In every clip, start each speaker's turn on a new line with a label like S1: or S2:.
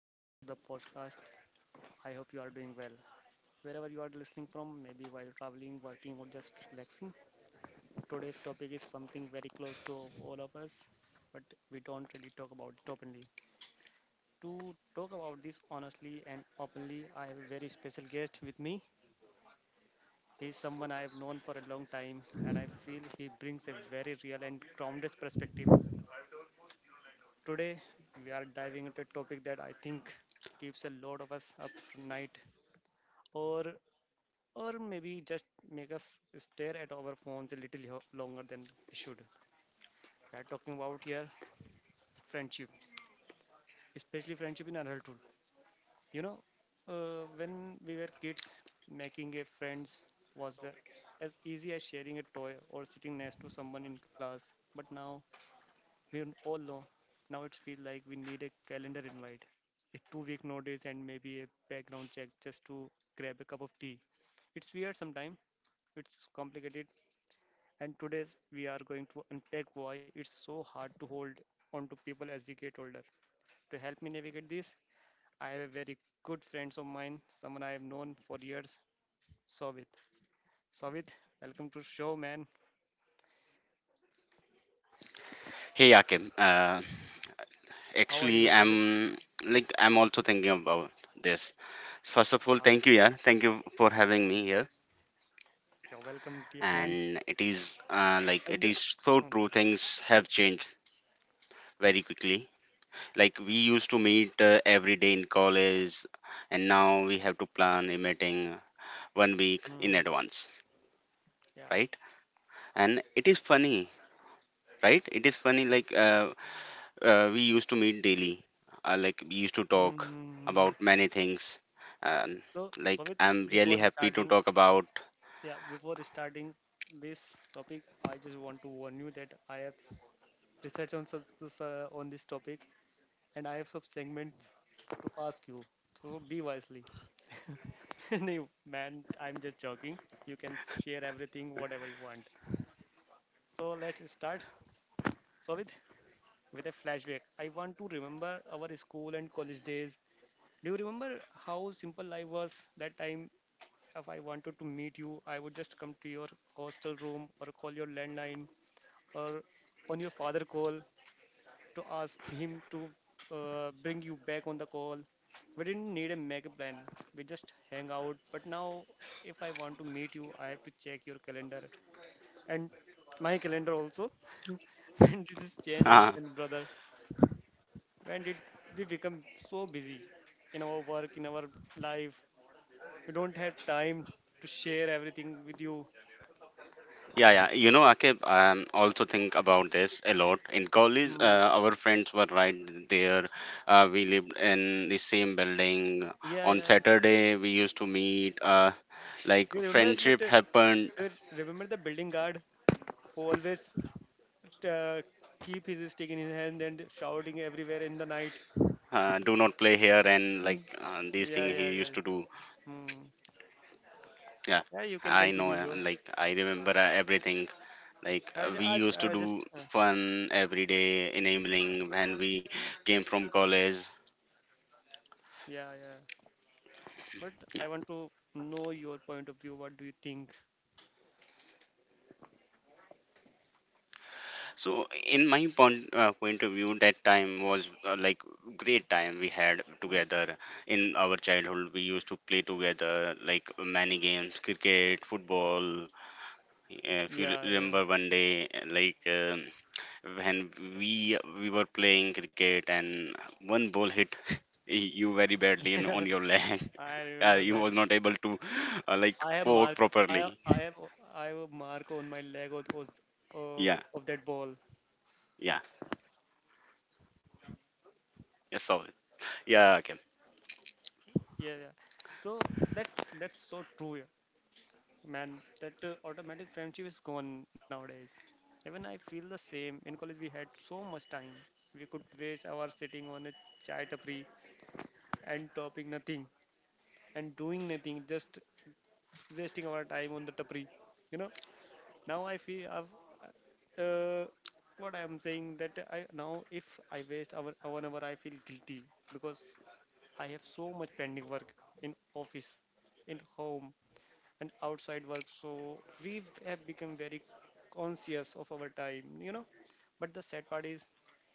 S1: Welcome to the podcast. I hope you are doing well. Wherever you are listening from, maybe while traveling, working, or just relaxing, today's topic is something very close to all of us, but we don't really talk about it openly. To talk about this honestly and openly, I have a very special guest with me. He's someone I have known for a long time, and I feel he brings a very real and grounded perspective. Today, we are diving into a topic that I think keeps a lot of us up at night or or maybe just make us stare at our phones a little longer than we should. We are talking about here friendships, especially friendship in adulthood. You know, when we were kids, making a friends was the, as easy as sharing a toy or sitting next to someone in class. But now we all know. Now it feels like we need a calendar invite, a two-week notice, and maybe a background check just to grab a cup of tea. It's weird sometimes. It's complicated. And today we are going to unpack why it's so hard to hold on to people as we get older. To help me navigate this, I have a very good friend of mine, someone I have known for years, Sovit. Sovit, welcome to show, man.
S2: Hey Akim. uh,
S1: How are you,
S2: actually
S1: Sovit?
S2: I'm also thinking about this. First of all,
S1: Ah,
S2: thank you, yeah, thank you for having me here.
S1: you're welcome, deep man.
S2: And it is it
S1: And
S2: is so
S1: mm,
S2: true. Things have changed very quickly. Like we used to meet every day in college, and now we have to plan a meeting 1 week
S1: mm,
S2: in advance,
S1: yeah.
S2: right? And it is funny, right? It is funny. Like we used to meet daily. Like we used to talk
S1: mm
S2: about many things, and
S1: So,
S2: like
S1: Sovit,
S2: I'm really
S1: before
S2: happy to
S1: starting,
S2: talk about.
S1: yeah, before starting this topic, I just want to warn you that I have research on this, on this topic, and I have some segments to ask you. So be wisely. No, man, I'm just joking. You can share everything, whatever you want. So let's start. So with a flashback, I want to remember our school and college days. Do you remember how simple life was that time? If I wanted to meet you, I would just come to your hostel room or call your landline or on your father call to ask him to bring you back on the call. We didn't need a mega plan. We just hang out. But now, if I want to meet you, I have to check your calendar and my calendar also. When did this change
S2: Yeah,
S1: happen, brother? When did we become so busy in our work, in our life? We don't have time to share everything with you.
S2: yeah. You know, Akib, also think about this a lot. In college,
S1: Hmm.
S2: our friends were right there. We lived in the same building.
S1: Yeah,
S2: On
S1: yeah.
S2: Saturday, we used to meet. Like
S1: You remember that?
S2: friendship happened.
S1: You remember the building guard who always uh, keep his stick in his hand and shouting everywhere in the night.
S2: Do not play here, and
S1: Uh,
S2: like these
S1: Yeah,
S2: things
S1: yeah,
S2: he
S1: yeah.
S2: used to do.
S1: Hmm.
S2: Yeah.
S1: Yeah, you can
S2: I know,
S1: continue, bro.
S2: like I remember everything. Like
S1: I, ju-
S2: we used
S1: I
S2: to do
S1: just,
S2: fun every day enabling when we came from college.
S1: yeah, yeah. But
S2: Yeah,
S1: I want to know your point of view. What do you think?
S2: so in my point, point of view, that time was like great time we had
S1: Hmm.
S2: together. In our childhood we used to play together like many games, cricket, football. If
S1: Yeah, yeah.
S2: remember one day, when we were playing cricket and one ball hit you very badly in, on your leg,
S1: I remember
S2: he
S1: that.
S2: was not able to
S1: I have
S2: work
S1: mark. I have-
S2: properly.
S1: I have I have a mark on my leg
S2: Yeah,
S1: of that ball.
S2: yeah, yes, so yeah, okay.
S1: Yeah, yeah. So that's so true. Yeah. Man, that automatic friendship is gone nowadays. Even I feel the same. In college, we had so much time. We could waste hours sitting on a chai tapri and topping nothing and doing nothing, just wasting our time on the tapri. You know, now I feel I've, uh, what I am saying that I now if I waste hour, 1 hour, I feel guilty because I have so much pending work in office, in home, and outside work. So we have become very conscious of our time, you know, but the sad part is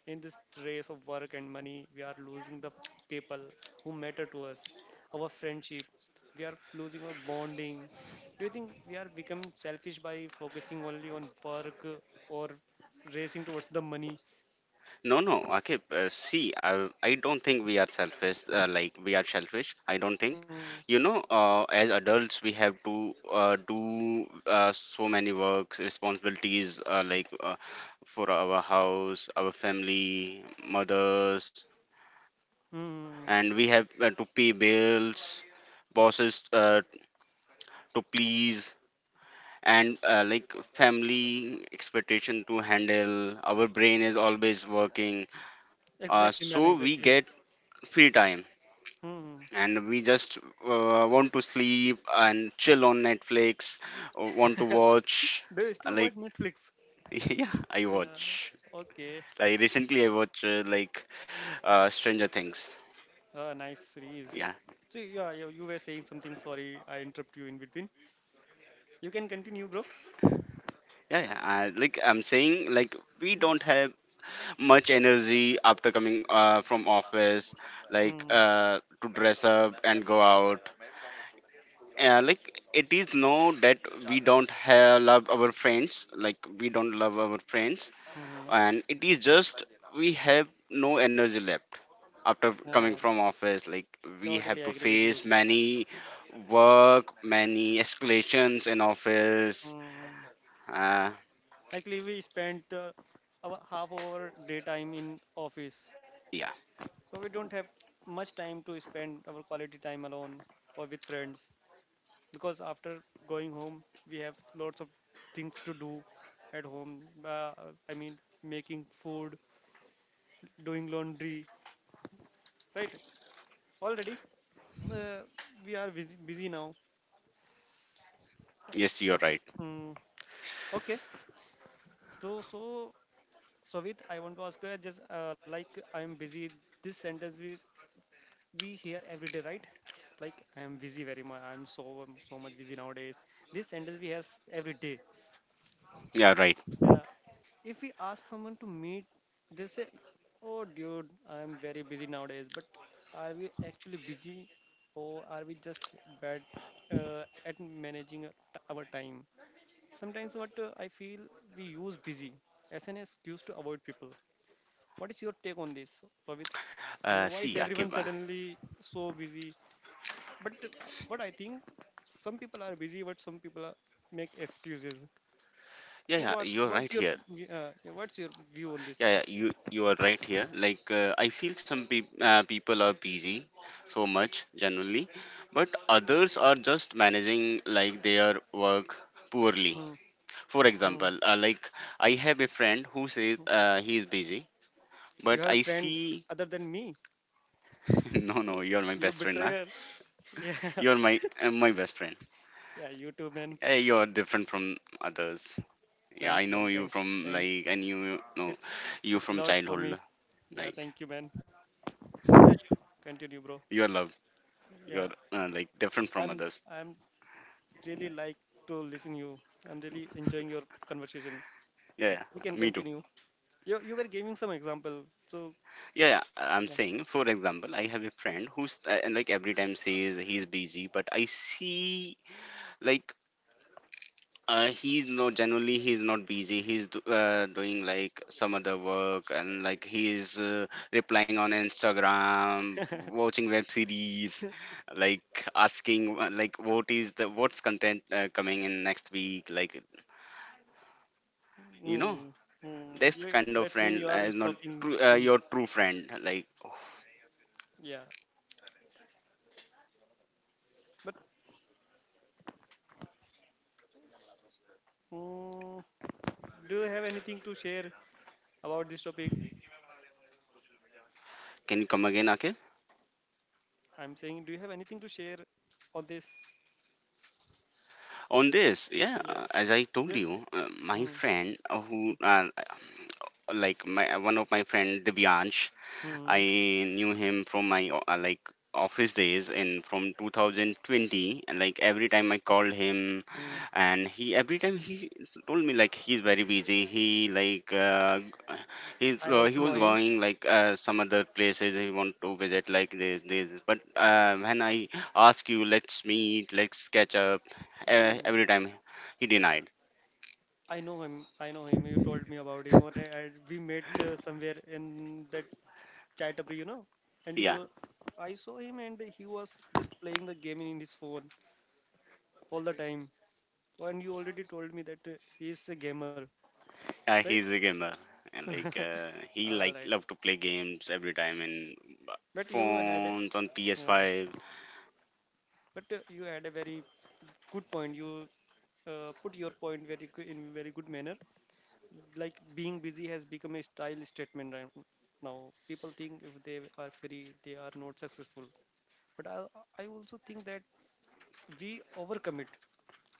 S1: in this race of work and money, we are losing the people who matter to us. Our friendship, we are losing our bonding. Do you think we are become selfish by focusing only on work or racing towards the money?
S2: No, no, okay. See, I don't think we are selfish. Like we are selfish. I don't think.
S1: mm,
S2: You know, as adults, we have to do so many works, responsibilities, for our house, our family, mothers,
S1: mm,
S2: and we have to pay bills, bosses to please and family expectation to handle. Our brain is always working,
S1: exactly, man,
S2: so we
S1: exactly.
S2: get free time
S1: Hmm.
S2: and we just want to sleep and chill on Netflix, want to watch
S1: Do you
S2: uh,
S1: still watch
S2: like
S1: Netflix?
S2: yeah, I
S1: Yeah,
S2: watch,
S1: okay.
S2: like, recently I watch Stranger Things.
S1: Nice series.
S2: Yeah,
S1: So yeah, you were saying something. Sorry, I interrupt you in between. You can continue, bro.
S2: yeah, yeah. Like I'm saying, like we don't have much energy after coming from office, like
S1: Mm-hmm.
S2: uh, to dress up and go out, like it is know that we don't have love our friends, like we don't love our friends.
S1: hmm
S2: And it is just we have no energy left after coming
S1: Uh,
S2: from office, like we have
S1: Totally
S2: to
S1: agree with
S2: face
S1: you.
S2: many work, many escalations in office.
S1: Mm.
S2: uh,
S1: Actually, we spent our half of our day time in office,
S2: yeah,
S1: so we don't have much time to spend our quality time alone or with friends because after going home, we have lots of things to do at home. Uh, I mean, making food, doing laundry, right? Already, uh, we are busy now.
S2: yes, you're
S1: O-
S2: right.
S1: Mm, okay. So, Savit, I want to ask you, just like I'm busy. This sentence we hear every day, right? Like I am busy very much. I'm so so much busy nowadays. This sentence we hear every day.
S2: Yeah, right.
S1: Yeah. If we ask someone to meet, they say, "Oh, dude, I'm very busy nowadays." But are we actually busy, or are we just bad at managing our time? Sometimes what I feel we use busy as an excuse to avoid people. What is your take on this, Pavit? Why
S2: See,
S1: is
S2: Akib,
S1: everyone suddenly so busy? But I think some people are busy, but some people are, make excuses.
S2: yeah,
S1: So
S2: yeah,
S1: what
S2: you're
S1: what's
S2: right
S1: your
S2: here.
S1: yeah, what's your view on
S2: Yeah,
S1: this?
S2: yeah, you are right here. Like I feel some people are busy so much generally, but others are just managing like their work poorly.
S1: Hmm,
S2: For
S1: hmm,
S2: example, like I have a friend who says
S1: hmm.
S2: he is busy,
S1: You
S2: but
S1: have a
S2: I
S1: friend
S2: see
S1: other than me.
S2: no, no,
S1: You
S2: you are my
S1: you
S2: best friend, nah?
S1: betrayer. Yeah,
S2: You are my my best friend.
S1: yeah. You too, man.
S2: You are different from others. Yeah, I
S1: Thanks,
S2: know
S1: man.
S2: you
S1: Thanks.
S2: from
S1: Thanks.
S2: like and you know
S1: It's
S2: you
S1: it's a
S2: from
S1: lot for me.
S2: childhood,
S1: Yeah.
S2: like
S1: Thank you, man. Yeah, you continue, bro.
S2: you are loved. You are
S1: Yeah,
S2: different from
S1: I'm
S2: others.
S1: I'm really like to listen you. I'm really enjoying your conversation.
S2: Yeah,
S1: We can
S2: yeah, me too.
S1: continue. You were giving some example, so
S2: Yeah, yeah, I'm
S1: yeah.
S2: saying, for example, I have a friend who's and like every time says he's busy, but I see like he's not, generally he's not busy. He's doing like some other work and like he's replying on Instagram, watching web series, like asking what is the what's content coming in next week, like you know.
S1: mm,
S2: This
S1: yeah,
S2: kind of
S1: that means
S2: friend
S1: you are
S2: is not
S1: stalking
S2: true,
S1: him.
S2: your true friend. Like,
S1: Yeah, but mm, do you have anything to share about this topic?
S2: can you come again, Akif,
S1: I'm saying, do you have anything to share on this?
S2: on this? Yeah,
S1: Yeah.
S2: as I told
S1: Ju-
S2: you,
S1: ju-
S2: my
S1: mm,
S2: friend, who like my one of my friend Divyansh. I
S1: mm,
S2: knew him from my office days in from 2020, and like every time I called him
S1: mm.
S2: and he every time he told me like he's very busy. He like he's
S1: I
S2: he
S1: also know
S2: was
S1: him.
S2: going like some other places, he want to visit like this, this. But when I ask you, let's meet, let's catch up,
S1: Mm,
S2: every time he denied.
S1: I know him. You told me about him, and we met somewhere in that Chaitabri, you know. And
S2: Yeah.
S1: I saw him, and he was just playing the game in his phone all the time. And you already told me that he is a gamer, right?
S2: He's a gamer and like he
S1: All
S2: like
S1: right.
S2: love to play games every time in uh,
S1: But
S2: phones on
S1: yeah.
S2: PS5.
S1: But you had a very good point. You put your point very good in very good manner. Like being busy has become a style statement right now. People think if they are free, they are not successful. But I also think that we overcommit,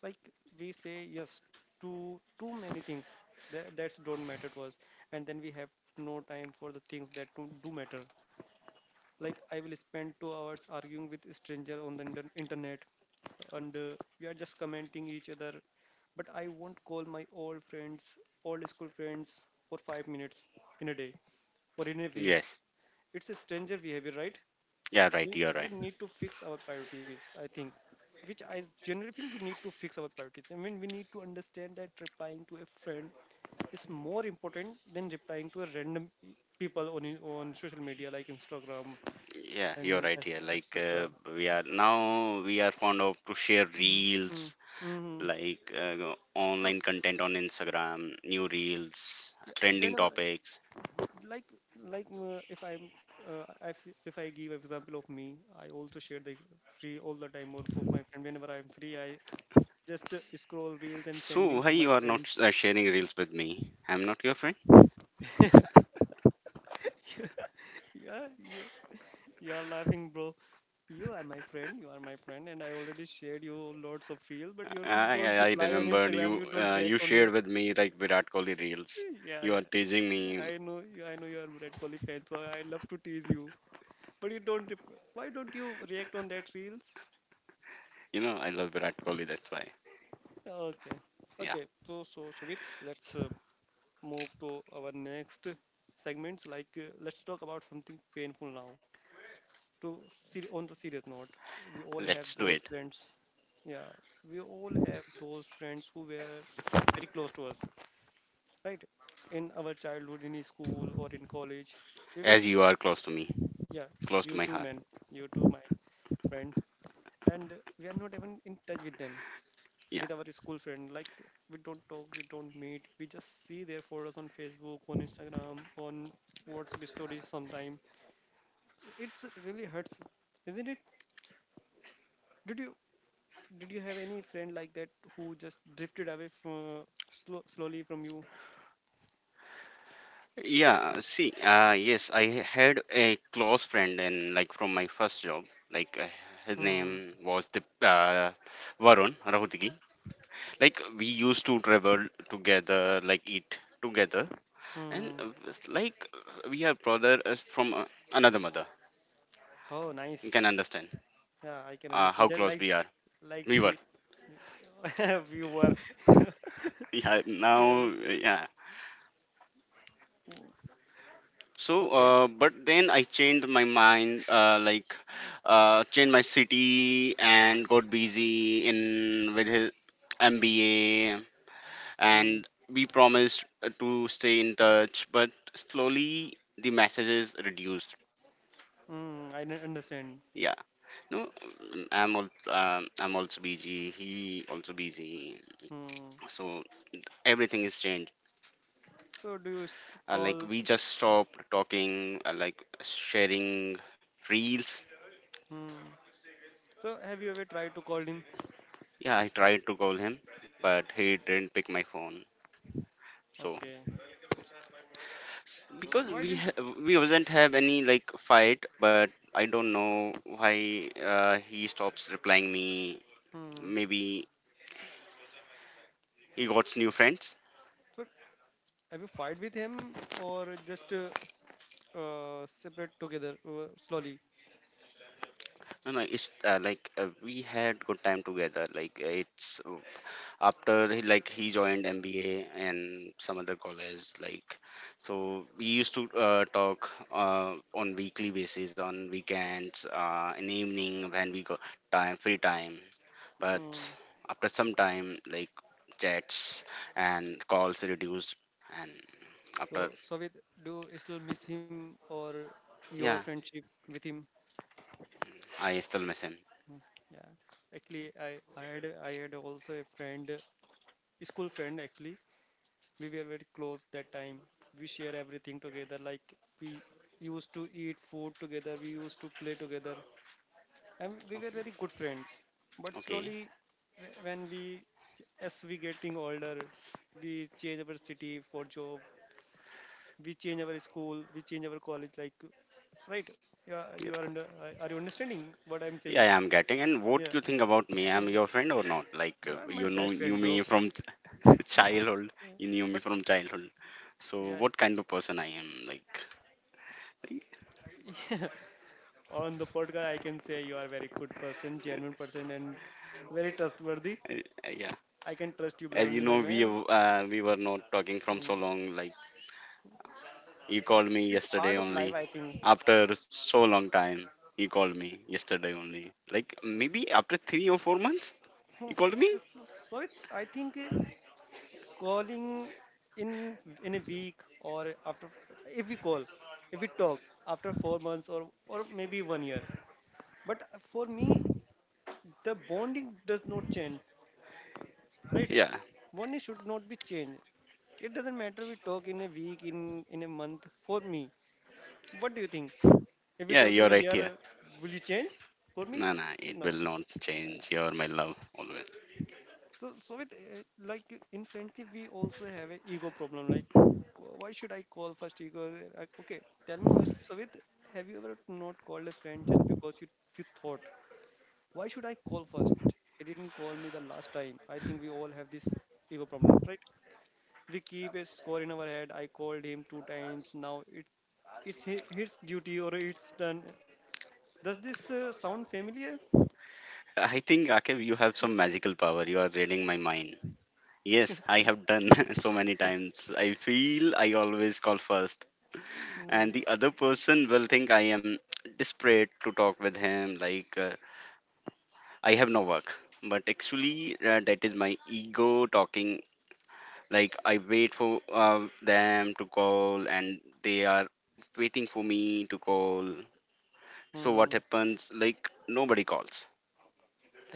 S1: like we say yes to too many things that that's don't matter to us, and then we have no time for the things that do matter. Like I will spend 2 hours arguing with a stranger on the internet, and we are just commenting each other, but I won't call my old friends old school friends for 5 minutes in a day or in a week.
S2: Yes.
S1: It's a stranger behavior, right?
S2: Yeah, right. You're
S1: We
S2: right.
S1: need to fix our priorities, I think, which I generally think we need to fix our priorities. I mean, we need to understand that replying to a friend is more important than replying to a random people on on social media like Instagram
S2: Yeah,
S1: and
S2: you're right here. Like
S1: etc.
S2: we are now we are fond of to share
S1: mm.
S2: reels,
S1: hmm hmm.
S2: like
S1: So
S2: online content on Instagram, new reels,
S1: yeah,
S2: trending
S1: whenever
S2: topics.
S1: I- like if I if I give example of me, I also share the free all the time or of my friend. Whenever I'm free, I just scroll reels and
S2: So
S1: sending
S2: why
S1: to my
S2: you are not
S1: friends.
S2: sharing reels with me? I'm not your friend.
S1: Yeah, you are laughing, bro. You are my friend. You are my friend, and I already shared you lots of reels, but you
S2: I
S1: don't
S2: I, I
S1: reply on
S2: remembered
S1: Instagram.
S2: you,
S1: You don't
S2: you
S1: react on
S2: shared
S1: it.
S2: with me like Virat Kohli reels.
S1: Yeah,
S2: You are
S1: yeah.
S2: teasing me.
S1: I know. I know you are Brad Kohli fan, so I love to tease you. But you don't. Why don't you react on that reels?
S2: You know, I love Virat Kohli. That's why.
S1: Okay,
S2: Yeah,
S1: okay. So, so with let's move to our next segments. Like, let's talk about something painful now. On the serious note, we all have
S2: let's do
S1: those
S2: it.
S1: friends. Yeah, we all have those friends who were very close to us, right? In our childhood, in school or in college, we were
S2: As you are close to me,
S1: yeah,
S2: close to
S1: you
S2: my
S1: too,
S2: heart.
S1: man, you too, my friend, and we are not even in touch with them,
S2: Yeah.
S1: with our school friend. Like we don't talk, we don't meet, we just see their photos on Facebook, on Instagram, on WhatsApp stories sometime. It's really hurts, isn't it? Did you Did you have any friend like that who just drifted away from, slowly from you?
S2: Yeah. See. Yes, I had a close friend, and like from my first job, like his
S1: Hmm.
S2: name was the Varun Rahutgi. Like we used to travel together, like eat together, and
S1: Hmm.
S2: it's like we are brother from another mother.
S1: Oh,
S2: You
S1: nice.
S2: can understand
S1: Yeah, I can understand.
S2: how
S1: Just
S2: close
S1: like
S2: we are. We were.
S1: we we were.
S2: Yeah. Now.
S1: Yeah.
S2: Yeah.
S1: Mm,
S2: So,
S1: okay.
S2: but then I changed my mind, changed my city and got busy in with his MBA,
S1: Hmm.
S2: and we promised to stay in touch, but slowly the messages reduced.
S1: Hmm. Understand.
S2: Yeah, no, I'm also busy. He also busy.
S1: Hmm.
S2: So everything is changed.
S1: So do you st-
S2: Like
S1: call?
S2: we just stopped talking. Like sharing reels.
S1: Hmm. So have you ever tried to call him?
S2: Yeah, I tried to call him, but he didn't pick my phone. So
S1: Okay. So
S2: because
S1: why didn't you?
S2: we wasn't have any like fight, but I don't know why he stops replying me.
S1: Hmm.
S2: Maybe he got new friends.
S1: So have you fight with him or just separate together slowly?
S2: No, no, it's we had good time together. It's after he like he joined MBA and some other college, like, so we used to talk on weekly basis, on weekends, in evening when we got time, free time. But after some time, like, chats and calls reduced and after,
S1: So, Soviet, do you still miss him or your
S2: yeah,
S1: friendship with him?
S2: I still miss him.
S1: Mm, Yeah, actually, I had also a friend, a school friend actually. We were very close that time. We share everything together. Like we used to eat food together. We used to play together, and we were very good friends. But
S2: Okay.
S1: slowly, wh- when we as we getting older, we change our city for job. We change our school. We change our college. Like right? Yeah, you are
S2: Yeah,
S1: under. Are you understanding what I'm
S2: yeah, I
S1: saying?
S2: am getting. And what
S1: Yeah,
S2: you think about me? I'm your friend or not? Like
S1: you are my
S2: you know
S1: best
S2: knew
S1: friend, bro.
S2: me from childhood,
S1: Yeah.
S2: you knew me
S1: But
S2: from childhood. So
S1: yeah,
S2: what kind of person I am like?
S1: yeah, on the podcast, I can say you are very good person, genuine person, and very trustworthy.
S2: Yeah,
S1: I can trust you
S2: as you
S1: blindly, my
S2: know,
S1: man.
S2: we were not talking from
S1: Hmm.
S2: so long. Like you called me
S1: It's a part
S2: yesterday
S1: of life,
S2: only.
S1: I think.
S2: After so long time, you called me yesterday only. Like maybe after 3 or 4 months,
S1: Hmm.
S2: you called me.
S1: So it, I think calling in a week or after if we call, if we talk after 4 months or maybe one year. But for me, the bonding does not change. Right,
S2: Yeah,
S1: bonding should not be changed. It doesn't matter we talk in a week, in a month. For me, what do you think if we
S2: yeah,
S1: talk
S2: you're
S1: in a
S2: right
S1: year,
S2: here.
S1: will you change for me?
S2: Nah, nah, it
S1: No.
S2: will not change. You're my love always.
S1: So with like in friendship, we also have a ego problem. Like why should I call first? Ego, like, okay, tell me honestly, so have you ever not called a friend just because you thought, why should I call first? He didn't call me the last time. I think we all have this ego problem, right? We keep a score in our head. I called him 2 times. Now it's his duty or it's done. Does this sound familiar?
S2: I think Akib, you have some magical power. You are reading my mind. Yes, I have done so many times. I feel I always call first
S1: Hmm.
S2: and the other person will think I am desperate to talk with him, like I have no work. But actually, that is my ego talking. Like I wait for them to call, and they are waiting for me to call. So what
S1: Hmm.
S2: happens? Like nobody calls.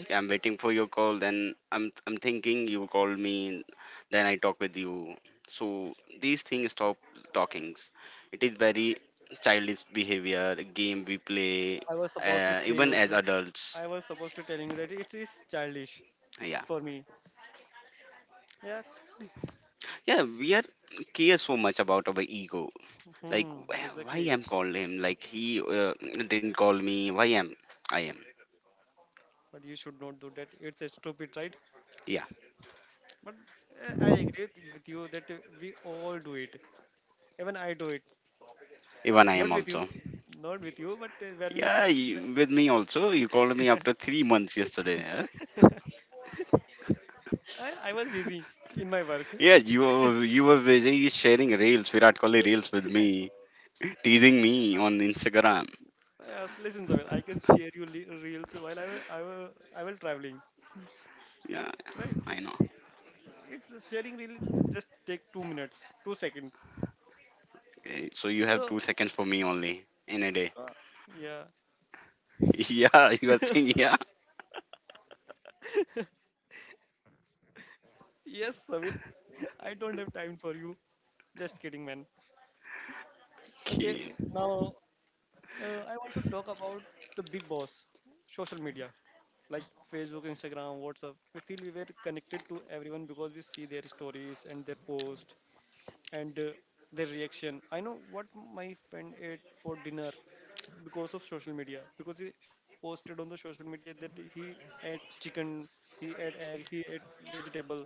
S2: I'm waiting for your call. Then I'm thinking you call me. Then I talk with you. So these things stop talkings. It is very childish behavior. Game we play,
S1: I was supposed to say you.
S2: even as adults.
S1: I was supposed to telling you that it is childish
S2: Yeah,
S1: for me. Yeah.
S2: yeah. We are care so much about our ego. Like
S1: Hmm.
S2: why
S1: Exactly.
S2: I'm called him? Like he didn't call me. Why am I am?
S1: But you should not do that. It's a stupid, right?
S2: Yeah,
S1: But I agree with you that we all do it. Even I do it.
S2: even I am
S1: Not with you.
S2: also.
S1: Not with you, but when we.
S2: Yeah,
S1: fo-
S2: you, with me also. You called me after 3 months yesterday. Huh?
S1: I, I was busy in my work.
S2: Yeah, you were busy sharing reels, Virat Kohli reels with me, teasing me on Instagram.
S1: Yes, listen, Zabel, I can share you reels while I will traveling,
S2: Yeah,
S1: right?
S2: I know.
S1: It's sharing reel, it just take 2 minutes, 2 seconds.
S2: Okay, so you have
S1: So
S2: 2 seconds for me only in a day.
S1: yeah,
S2: Yeah, you are saying yeah.
S1: yes, Zabel, I don't have time for you. Just kidding, man. Okay,
S2: Okay.
S1: now I want to talk about the big boss, social media, like Facebook, Instagram, WhatsApp. We feel we were connected to everyone because we see their stories and their posts and their reaction. I know what my friend ate for dinner because of social media because he posted on the social media that he ate chicken, he ate egg, he ate vegetable.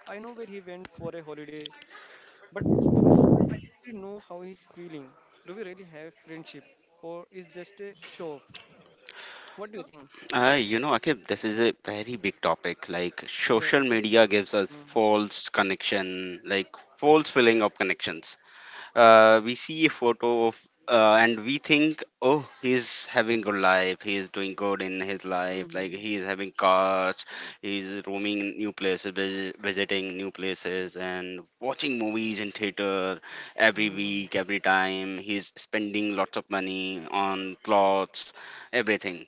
S1: I know where he went for a holiday, but do I actually know how he's feeling? Do we really have friendship or is just a show off? What do you think?
S2: You know, Akib, this is a very big topic. Like,
S1: Yeah,
S2: social
S1: exactly.
S2: media gives us
S1: Mm.
S2: false connection, like false filling of connections. We see a photo of and we think, oh, he's having good life, he's doing good in his life, like
S1: Mm-hmm.
S2: he's having cars, he's roaming new places, visiting new places and watching movies in theater every
S1: Mm-hmm.
S2: week, every time he's spending lots of money on clothes, everything,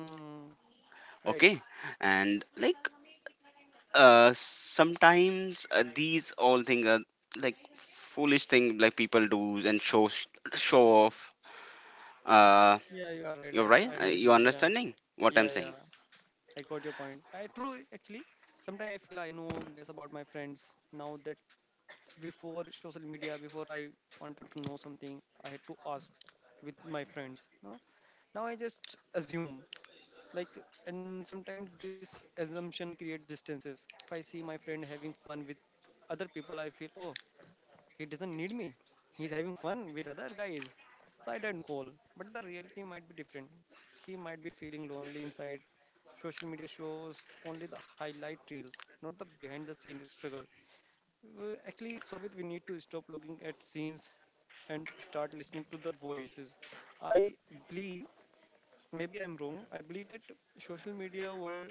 S1: Mm-hmm. Right.
S2: okay. And like sometimes these all things are like foolish thing, like people do and show off. Uh,
S1: Yeah, you are right.
S2: you're
S1: I,
S2: right.
S1: I agree with
S2: You
S1: you. Yeah,
S2: understanding what I'm
S1: yeah, yeah.
S2: saying?
S1: I got your point. I true actually. Sometimes I feel I know less about my friends now that before social media. Before, I wanted to know something, I had to ask with my friends. No? Now I just assume. Like and sometimes this assumption creates distances. If I see my friend having fun with other people, I feel, oh, he doesn't need me. He's having fun with other guys. So I don't call. But the reality might be different. He might be feeling lonely inside. Social media shows only the highlight reels, not the behind the scene struggle. Actually, Sovit, we need to stop looking at scenes and start listening to the voices. I believe, maybe I'm wrong, I believe that social media world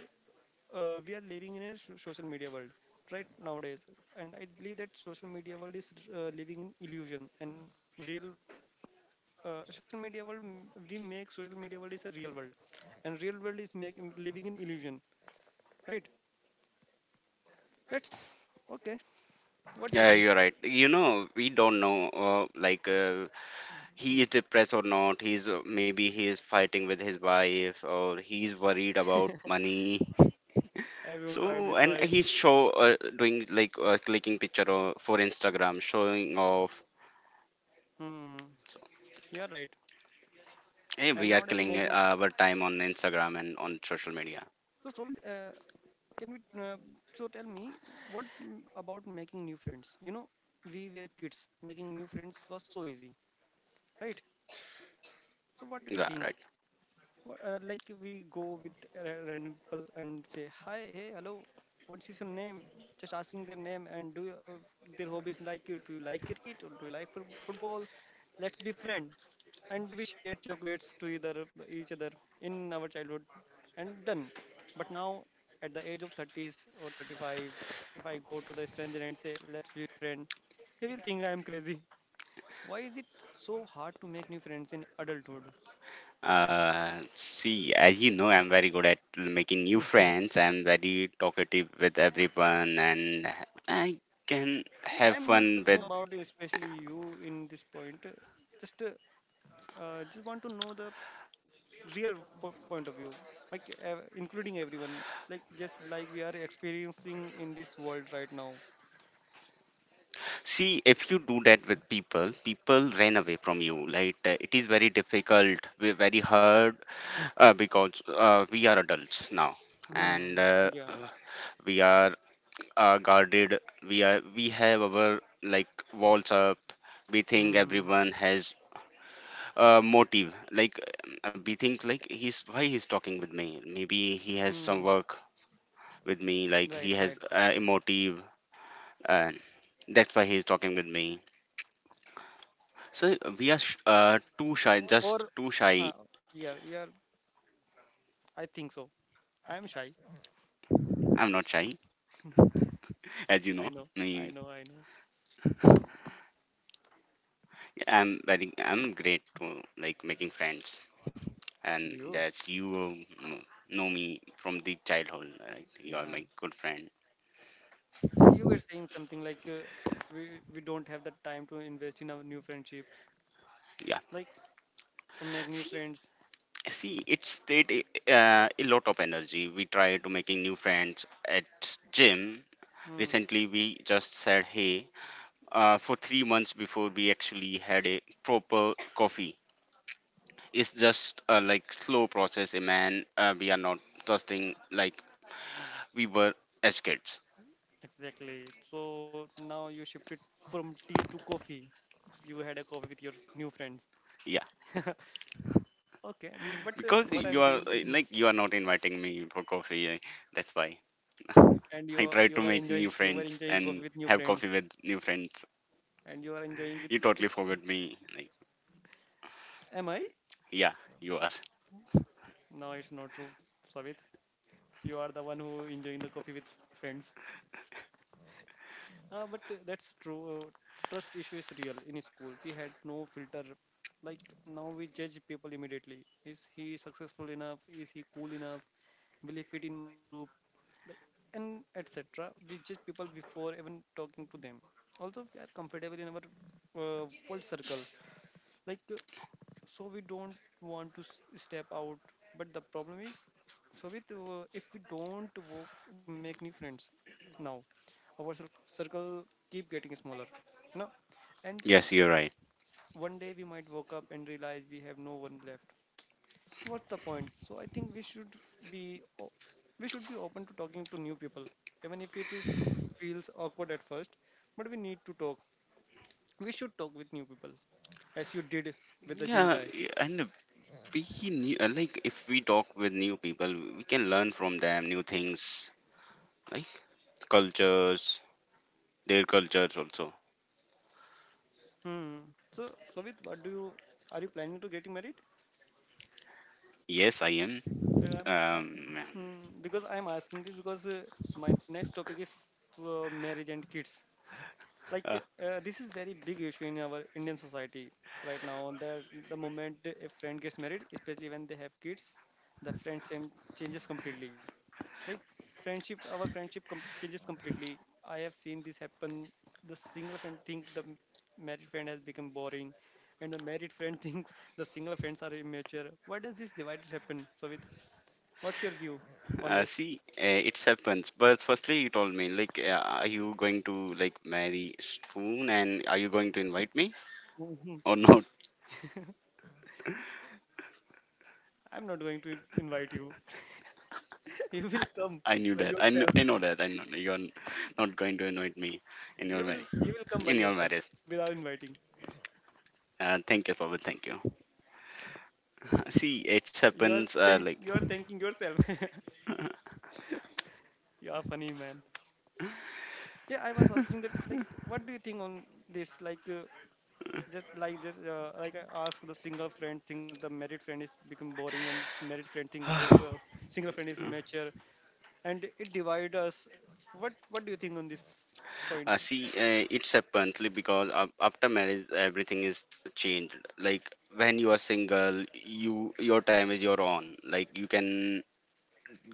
S1: we are living in a social media world right nowadays, and I believe that social media world is living in illusion and real social media world we make social media world is a real world and real world is making living in illusion, right? That's okay, what do you
S2: Yeah,
S1: think?
S2: you're right. You know, we don't know,
S1: Hmm.
S2: he is depressed or not. He's maybe he is fighting with his wife, or he's worried about money.
S1: Everyone fight
S2: So,
S1: with
S2: and
S1: wife.
S2: he's show doing like clicking picture or, for Instagram, showing off.
S1: Hmm.
S2: So,
S1: You're right.
S2: hey,
S1: And
S2: we are
S1: nowadays
S2: killing
S1: making
S2: our time on Instagram and on social media.
S1: so with can we so tell me what about making new friends. You know, we were kids, making new friends was so easy, right? So what do you
S2: Yeah,
S1: think?
S2: right.
S1: Like we go with random people and say hi, hey, hello, what is your name? Just asking their name and do you, their hobbies like you? Do you like cricket or do you like football? Let's be friends. And we share chocolates to either each other in our childhood and done. But now at the age of 30s or 35, if I go to the stranger and say let's be friends, he will think I'm crazy. Why is it so hard to make new friends in adulthood?
S2: See, as you know, I'm very good at making new friends. I'm very talkative with everyone, and I can have
S1: I am not
S2: fun with.
S1: talking about especially you in this point. Just uh, just want to know the real point of view, like including everyone, like just like we are experiencing in this world right now.
S2: See, if you do that with people, people ran away from you. It is very difficult, we're very hard because we are adults now,
S1: Hmm.
S2: and
S1: Yeah.
S2: we are guarded. We have our like walls up. We
S1: Hmm.
S2: think
S1: Hmm.
S2: everyone has motive. We think like he's why he's talking with me. Maybe he has
S1: Hmm.
S2: some work with me. Like
S1: Right.
S2: he
S1: Right.
S2: has
S1: Right. Right.
S2: a motive, and that's why he's talking with me. So we are too shy,
S1: Or,
S2: just too shy.
S1: huh, yeah. Yeah. I think so. I am shy.
S2: I'm not shy, as you
S1: I
S2: know.
S1: know. I
S2: Me,
S1: know. I know. Hmm.
S2: I'm very, I'm great to like making friends, and
S1: Do you?
S2: that's you um, know me from the childhood. Like you are
S1: Yeah.
S2: my good friend.
S1: Yeah. You were saying something like we we don't have the time to invest in a new friendship.
S2: Yeah.
S1: Like to make new
S2: See,
S1: friends.
S2: see, it's take a lot of energy. We try to making new friends at gym
S1: Hmm,
S2: recently. We just said hey, for 3 months before we actually had a proper coffee. It's just like slow process, a man. We are not trusting like we were as kids.
S1: exactly. So now you shifted from tea to coffee. You had a coffee with your new friends.
S2: Yeah,
S1: Okay, mm, but
S2: because
S1: what
S2: you
S1: I'm
S2: are
S1: saying, hmm,
S2: like you are not inviting me for coffee, that's why.
S1: and
S2: I
S1: you
S2: try to
S1: you were
S2: make new
S1: enjoying, you were
S2: friends
S1: enjoying
S2: and
S1: coffee with new
S2: have coffee
S1: friends,
S2: with new friends.
S1: and you are enjoying with.
S2: You
S1: The
S2: totally forgot me, like.
S1: Am I?
S2: Yeah, you are.
S1: No, it's not true, Savit. You are the one who enjoying the coffee with another friends. But That's true. Trust issue is real in school. We had no filter. Like now we judge people immediately. Is he successful enough? Is he cool enough? Will he fit in my group? Like and etc. We judge people before even talking to them. Also, we are comfortable in our world circle. Like so we don't want to step out. But the problem is so with if we don't make new friends now, our circle keep getting smaller, you know, and
S2: Yes, you're right.
S1: one day we might wake up and realize we have no one left. What's the point? So I think we should be we should be open to talking to new people even if it is feels awkward at first. But we need to talk, we should talk with new people, as you did with the gym
S2: Yeah,
S1: guy.
S2: y- and we knew, like if we talk with new people, we can learn from them new things, like cultures, their cultures also.
S1: Hmm. So, Savit, what do you are you planning to getting married?
S2: Yes, I am.
S1: I'm, I,
S2: Um,
S1: hmm, because I'm asking this because my next topic is marriage and kids.
S2: uh,
S1: Like this is very big issue in our Indian society right now. That the moment a friend gets married, especially when they have kids, the friendship changes completely. Like friendship, our friendship changes completely. I have seen this happen. The single friend think the married friend has become boring, and the married friend thinks the single friends are immature. Why does this divide happen, Savit? What's your view on this?
S2: see, it happens. But firstly, you told me, are you going to like marry soon, and are you going to invite me
S1: Mhm.
S2: or not?
S1: I'm not going to invite you. You will come
S2: I knew
S1: by
S2: that.
S1: yourself.
S2: I know that. I know you're not going to invite me in your
S1: you will
S2: marriage.
S1: you will come by
S2: In your
S1: yourself
S2: marriage.
S1: without inviting.
S2: Thank you, Sobit. Thank you. See, it
S1: You are,
S2: happens
S1: thank
S2: like
S1: you are thanking yourself. You are funny, man. Yeah, I was asking that, like, what do you think on this, like just like this like I ask the single friend think the married friend is become boring and married friend think single friend is mature and it divide us. What do you think on this point?
S2: see, it happens because after marriage, everything is changed. Like when you are single, you your time is your own. Like you can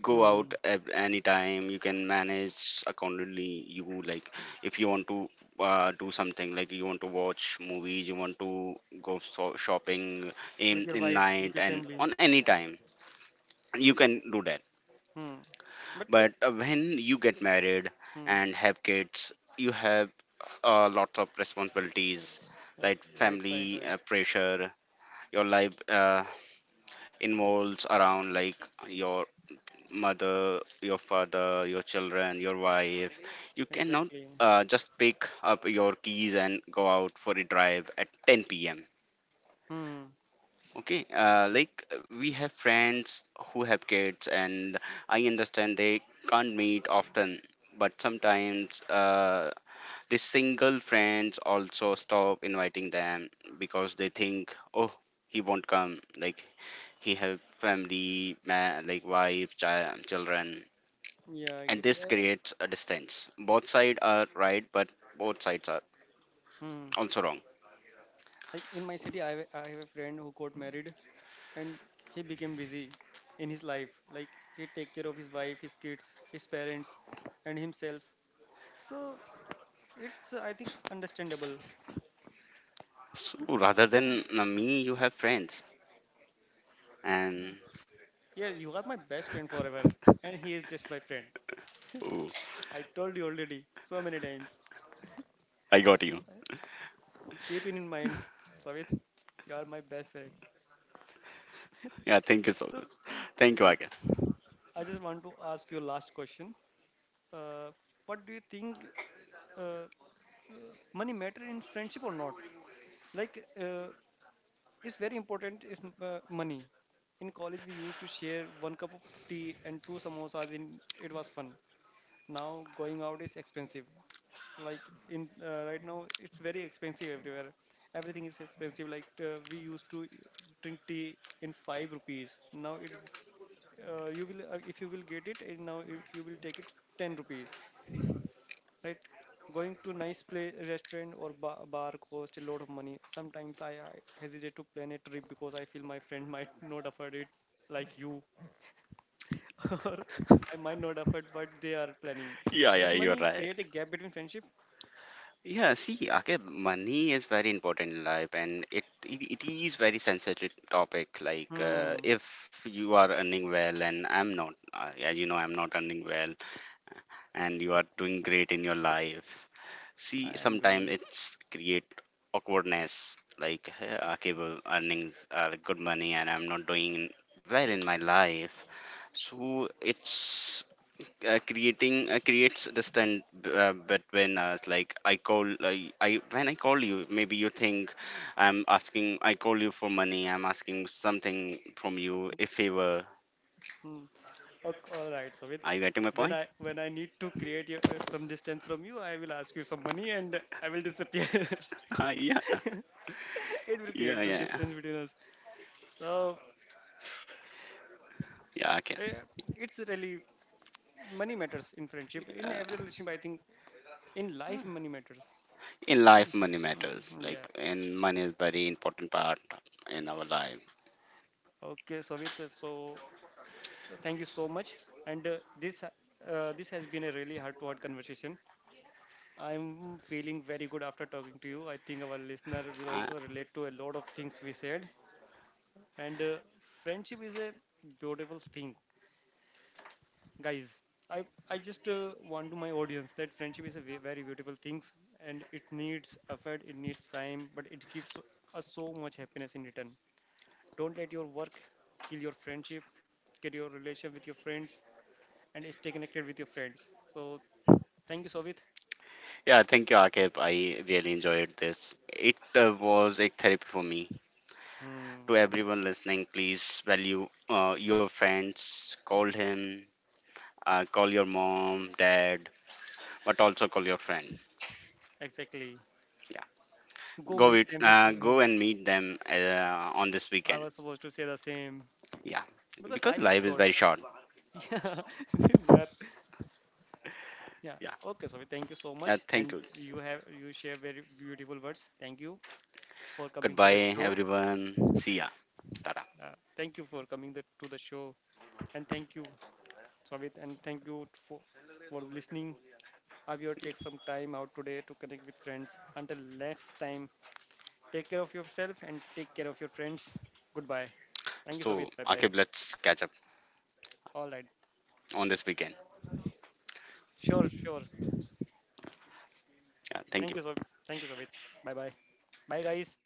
S2: go out
S1: Hmm.
S2: at any time. You can manage accordingly. You like if you want to do something, like you want to watch movies, you want to go shopping
S1: With your
S2: in
S1: wife, with
S2: night
S1: your
S2: and
S1: family.
S2: on any time. You can do that.
S1: Hmm. But
S2: But when you get married
S1: hmm.
S2: and have kids, you have lots of responsibilities,
S1: uh,
S2: like
S1: right, right,
S2: family
S1: right,
S2: pressure. Your life involves around like your mother, your father, your children, your wife. You cannot
S1: exactly.
S2: just pick up your keys and go out for a drive at 10 p.m.
S1: Hmm.
S2: Okay, like we have friends who have kids, and I understand they can't meet often, but sometimes the single friends also stop inviting them because they think, oh, he won't come. Like he have family, like wife, child, children,
S1: Yeah,
S2: and
S1: exactly.
S2: this creates a distance. Both sides are right, but both sides are
S1: Hmm.
S2: also wrong.
S1: Like in my city, I have, I have a friend who got married and he became busy in his life. Like he take care of his wife, his kids, his parents, and himself, so it's I think understandable.
S2: So rather
S1: Yeah.
S2: than me, you have friends, and
S1: Yeah, you are my best friend forever and he is just my friend.
S2: oh,
S1: I told you already so many times,
S2: I got you.
S1: keep it in mind, Savit, you are my best friend.
S2: Yeah, thank you so
S1: So
S2: much. Thank you,
S1: Savit,
S2: Akil.
S1: I just want to ask you last question. uh, what do you think uh, uh, money matter in friendship or not, like is very important, is money. In college, we used to share one cup of tea and two samosas. In it was fun. Now going out is expensive. Like in right now, it's very expensive everywhere. Everything is expensive. Like we used to drink tea in 5 rupees. Now it you will if you will get it and now if you will take it 10 rupees, right? Going to nice play restaurant or bar cost a lot of money. Sometimes I hesitate to plan a trip because I feel my friend might not afford it, like you, or I might not afford but they are planning.
S2: Yeah, yeah,
S1: Does
S2: you're
S1: money
S2: right.
S1: create a gap between friendship?
S2: Yeah, see, okay, money is very important in life, and it is very sensitive topic.
S1: Hmm,
S2: If you are earning well, and I'm not, as you know, I'm not earning well, and you are doing great in your life.
S1: I
S2: See,
S1: am
S2: sometimes
S1: doing.
S2: it's create awkwardness. Like, "Hey, okay, well, earnings are good money, and I'm not doing well in my life." So it's creating creates distance between us. Like I when I call you, maybe you think I call you for money, I'm asking something from you, a favor.
S1: Hmm. Okay, all right, so with
S2: Are you getting my
S1: when
S2: point?
S1: i when i need to create some distance from you, I will ask you some money and I will disappear.
S2: Yeah,
S1: It will
S2: yeah,
S1: create the
S2: yeah, yeah.
S1: distance between us. So
S2: Yeah, okay,
S1: yeah, it's really money matters in friendship, in every
S2: uh,
S1: relationship. I think in life, money matters.
S2: in
S1: Mm,
S2: life money matters
S1: mm,
S2: like,
S1: yeah.
S2: and money is very important part in our life.
S1: Okay Savit, so thank you so much and this has been a really heart to heart conversation. I'm feeling very good after talking to you. I think our listener will
S2: uh,
S1: also relate to a lot of things we said. And friendship is a beautiful thing, guys. I i just want to my audience that friendship is a very beautiful things and it needs effort, it needs time, but it gives us so much happiness in return. Don't let your work kill your friendship, kill your relation with your friends, and stay connected with your friends. So thank you, Sovit.
S2: yeah, thank you, Akib. I really enjoyed this. It was a therapy for me
S1: Hmm,
S2: to everyone listening, please value your friends. Call him, call your mom, dad, but also call your friend.
S1: exactly,
S2: Yeah,
S1: go
S2: go
S1: meet
S2: with,
S1: them with.
S2: go and meet them on this
S1: I
S2: weekend.
S1: was supposed to say the same
S2: Yeah,
S1: because
S2: because
S1: life is
S2: life is
S1: short.
S2: very short.
S1: Yeah, we are, yeah.
S2: Yeah,
S1: Okay Sovit, thank you so much
S2: thank you.
S1: and you have, you share very beautiful words. Thank you for coming to the
S2: Goodbye,
S1: show.
S2: everyone. See ya. Tada.
S1: Thank you for coming the, To the show, and thank you, Savit, and thank you for listening. I will take some time out today to connect with friends. Until next time, take care of yourself and take care of your friends. Goodbye. Thank you,
S2: So,
S1: Savit. Bye bye.
S2: Akib, let's catch up
S1: All right.
S2: on this weekend.
S1: Sure, sure.
S2: Yeah, thank
S1: Thank you, Savit.
S2: you.
S1: Thank you, Savit. Bye bye. Bye, guys.